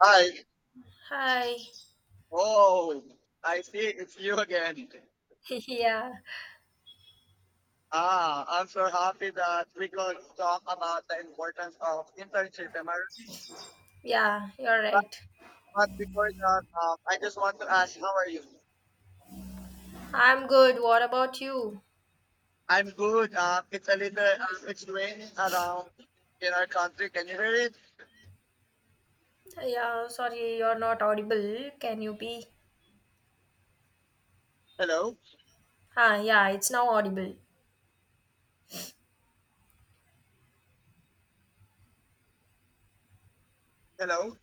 Hi. Hi. Oh, I see it's you again. Yeah, Ah, I'm so happy that we could talk about the importance of internship. Am I really right? yeah, you're But, right. but before that, I just want to ask, how are you? I'm good. What about you? I'm good. It's a little, it's raining around in our country. Can you hear it? Yeah, sorry, you're not audible. Can you be? Hello? Yeah, it's now audible. Hello?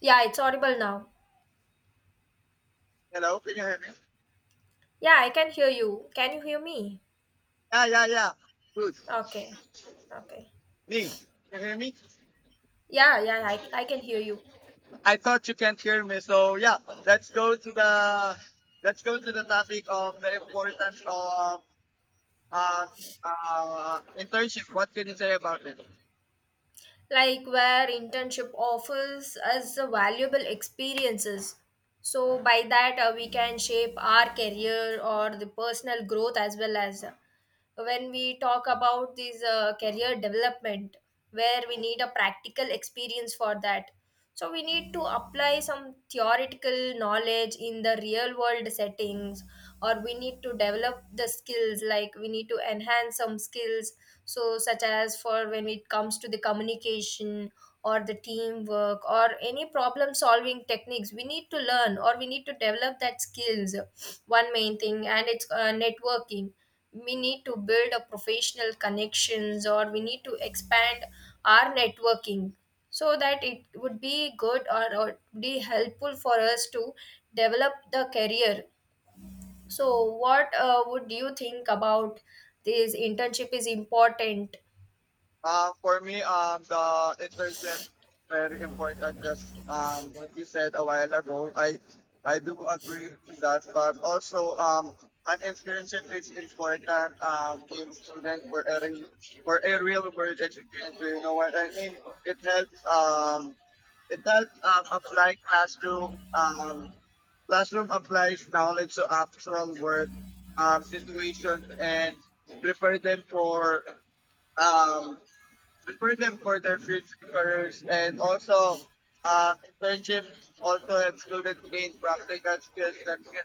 Yeah, it's audible now. Hello? Can you hear me? Yeah, I can hear you. Can you hear me? Yeah, yeah, yeah. Good. Okay, okay. Me? Can you hear me? Yeah, I can hear you. I thought you can't hear me. So yeah, let's go to the let's go to the topic of the importance of uh, internship. What can you say about it? Like where internship offers us a valuable experiences. So by that we can shape our career or the personal growth as well as when we talk about this career development, where we need a practical experience for that, so we need to apply some theoretical knowledge in the real world settings, or we need to develop the skills, like we need to enhance some skills, so such as for when it comes to the communication or the teamwork or any problem solving techniques we need to learn, or we need to develop that skills. One main thing and it's networking. We need to build a professional connections, or we need to expand our networking, so that it would be good or, be helpful for us to develop the career. So what would you think about this internship is important? For me, the internship very important. Just what you said a while ago, I do agree with that. But also, an internship is important in student for a for a real world education. Do you know what I mean? It helps it does, apply classroom. Classroom applies knowledge to actual work, situations and prepare them for, um, prepare them for their future careers. And also, uh, internship also helps students gain practical skills that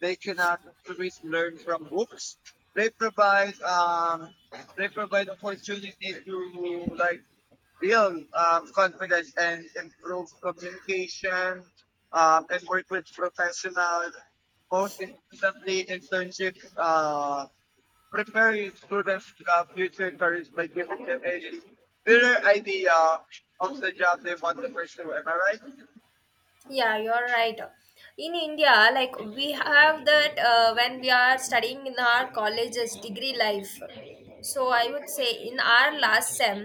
they cannot always learn from books. They provide um, they provide opportunities to, like, yun, confidence and improve communication, and work with professional, both instantly internship, prepare your students to have future careers by giving them a clearer idea of the job they want to pursue. Am I right? Yeah, you're right. In india like we have that when we are studying in our colleges degree life, so I would say in our last sem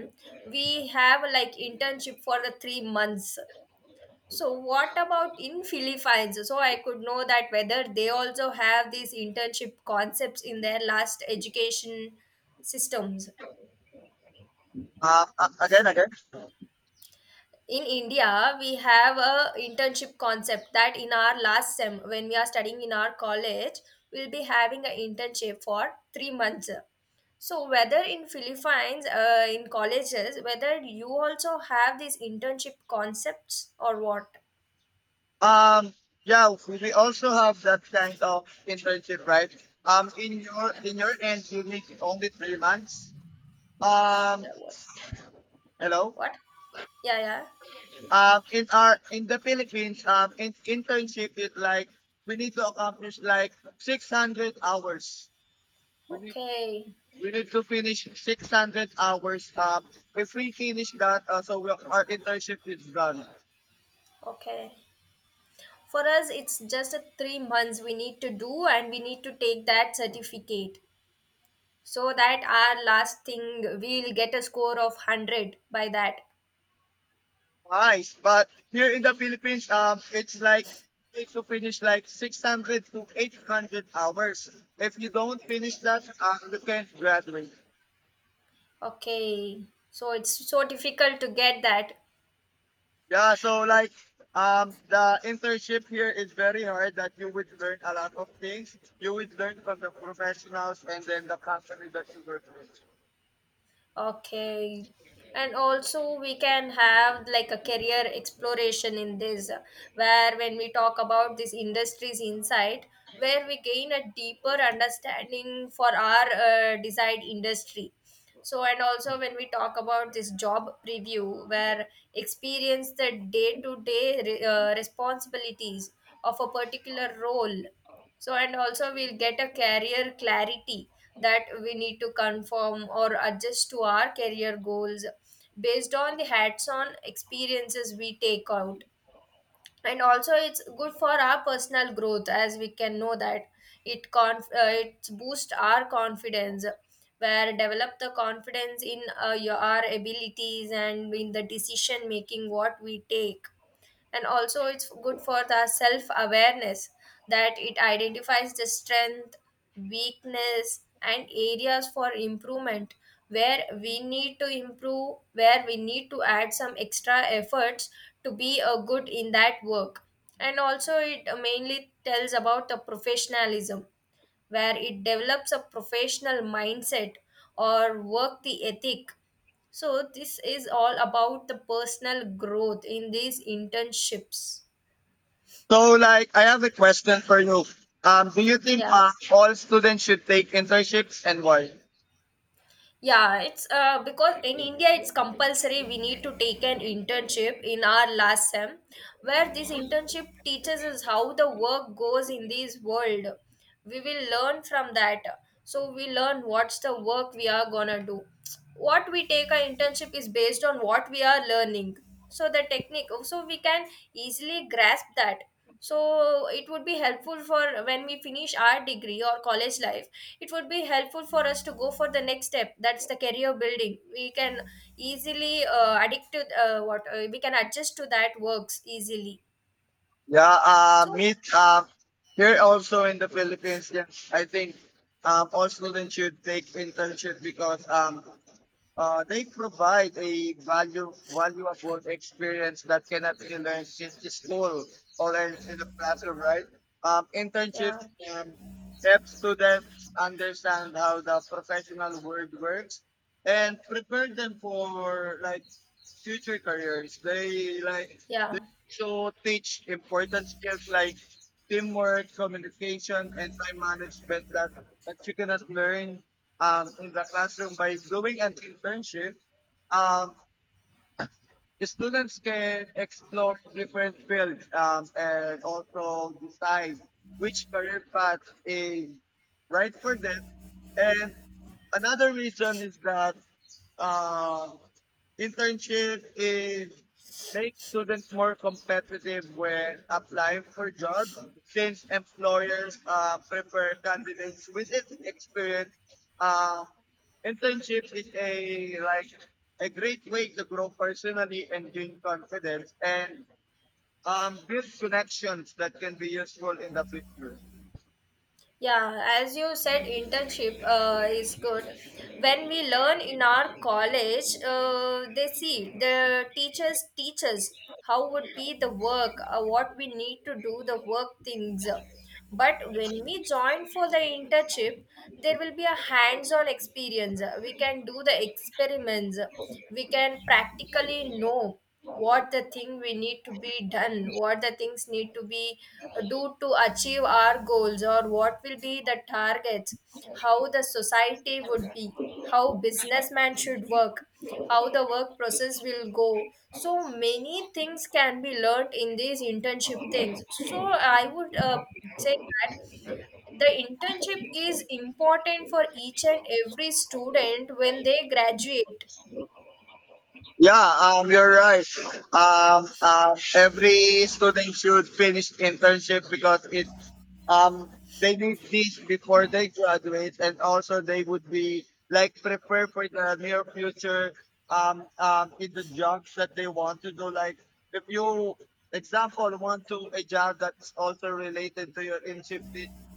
we have like internship for the 3 months. So what about in Philippines? So I could know that whether they also have these internship concepts in their last education systems. Again, again. In India, we have a internship concept that in our last sem, when we are studying in our college, we'll be having an internship for 3 months. So whether in Philippines, in colleges, whether you also have these internship concepts or what? Um, yeah, we also have that kind of internship, right? In your end, you need only 3 months. Um, Yeah, what? Hello. What? Yeah, yeah. In our in the Philippines, in internship it like we need to accomplish like 600 hours. we need Okay. we need to finish 600 hours. If we finish that, so we, our internship is done. Okay. For us, it's just a 3 months we need to do, and we need to take that certificate, so that our last thing we'll get a score of 100 by that. Nice, but here in the Philippines, it's like we need to finish like 600 to 800 hours. If you don't finish Okay. that, you can't graduate. Okay. So it's so difficult to get that. Yeah, so like, the internship here is very hard that you would learn a lot of things. You would learn from the professionals and then the company that you work with. Okay. And also, we can have like a career exploration in this, where when we talk about this industry's insight, where we gain a deeper understanding for our desired industry. So and also when we talk about this job preview, where experience the day to day responsibilities of a particular role. So and also we'll get a career clarity, that we need to conform or adjust to our career goals based on the hats on experiences we take out. And also it's good for our personal growth as we can know that it boosts our confidence, where develop the confidence in your our abilities and in the decision making what we take. And also it's good for the self awareness, that it identifies the strength, weakness and areas for improvement, where we need to improve, where we need to add some extra efforts to be a good in that work. And also it mainly tells about the professionalism, where it develops a professional mindset or work the ethic. So this is all about the personal growth in these internships. So like, I have a question for you. Do you think, Yeah, all students should take internships and why? yeah, it's because in India it's compulsory we need to take an internship in our last sem, where this internship teaches us how the work goes in this world. We will learn from that. So we learn what's the work we are gonna do. What we take our internship is based on what we are learning. So the technique, so we can easily grasp that. So it would be helpful for when we finish our degree or college life. It would be helpful for us to go for the next step, that's the career building. We can easily addict to what we can adjust to that works easily, Yeah, uh, so meet, here also in the Philippines, yeah, I think all students should take internship because, they provide a valuable experience that cannot be learned in the school or in the classroom, right? Yeah. Internships, um, help students understand how the professional world works and prepare them for, like, future careers. They like Yeah, so teach important skills like teamwork, communication, and time management that you cannot learn in the classroom by doing an internship. Um, the students can explore different fields, and also decide which career path is right for them. And another reason is that, uh, internship is makes students more competitive when applying for jobs, since employers, prefer candidates with experience. Uh, Internship is a, like, a great way to grow personally and gain confidence and, build connections that can be useful in the future. Yeah, as you said, internship is good. When we learn in our college, they see the teachers teach us how would be the work, what we need to do, the work things. But when we join for the internship, there will be a hands-on experience. We can do the experiments. We can practically know what the thing we need to be done, what the things need to be do to achieve our goals, or what will be the targets, how the society would be, how businessman should work, how the work process will go. So many things can be learned in these internship things. So I would say that the internship is important for each and every student when they graduate. Yeah, you're right. Every student should finish internship because it, um they need this before they graduate, and also they would be like prepare for the near future, in the jobs that they want to do. Like if you example want to a job that's also related to your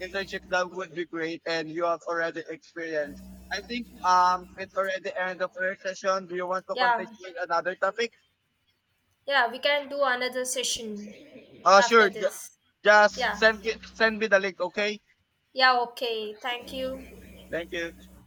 internship, that would be great, and you have already experienced. I think it's already end of our session. Do you want to Yeah, continue with another topic? yeah, we can do another session after sure, this. just Yeah, send it, send me the link. Okay, yeah, okay, thank you. thank you.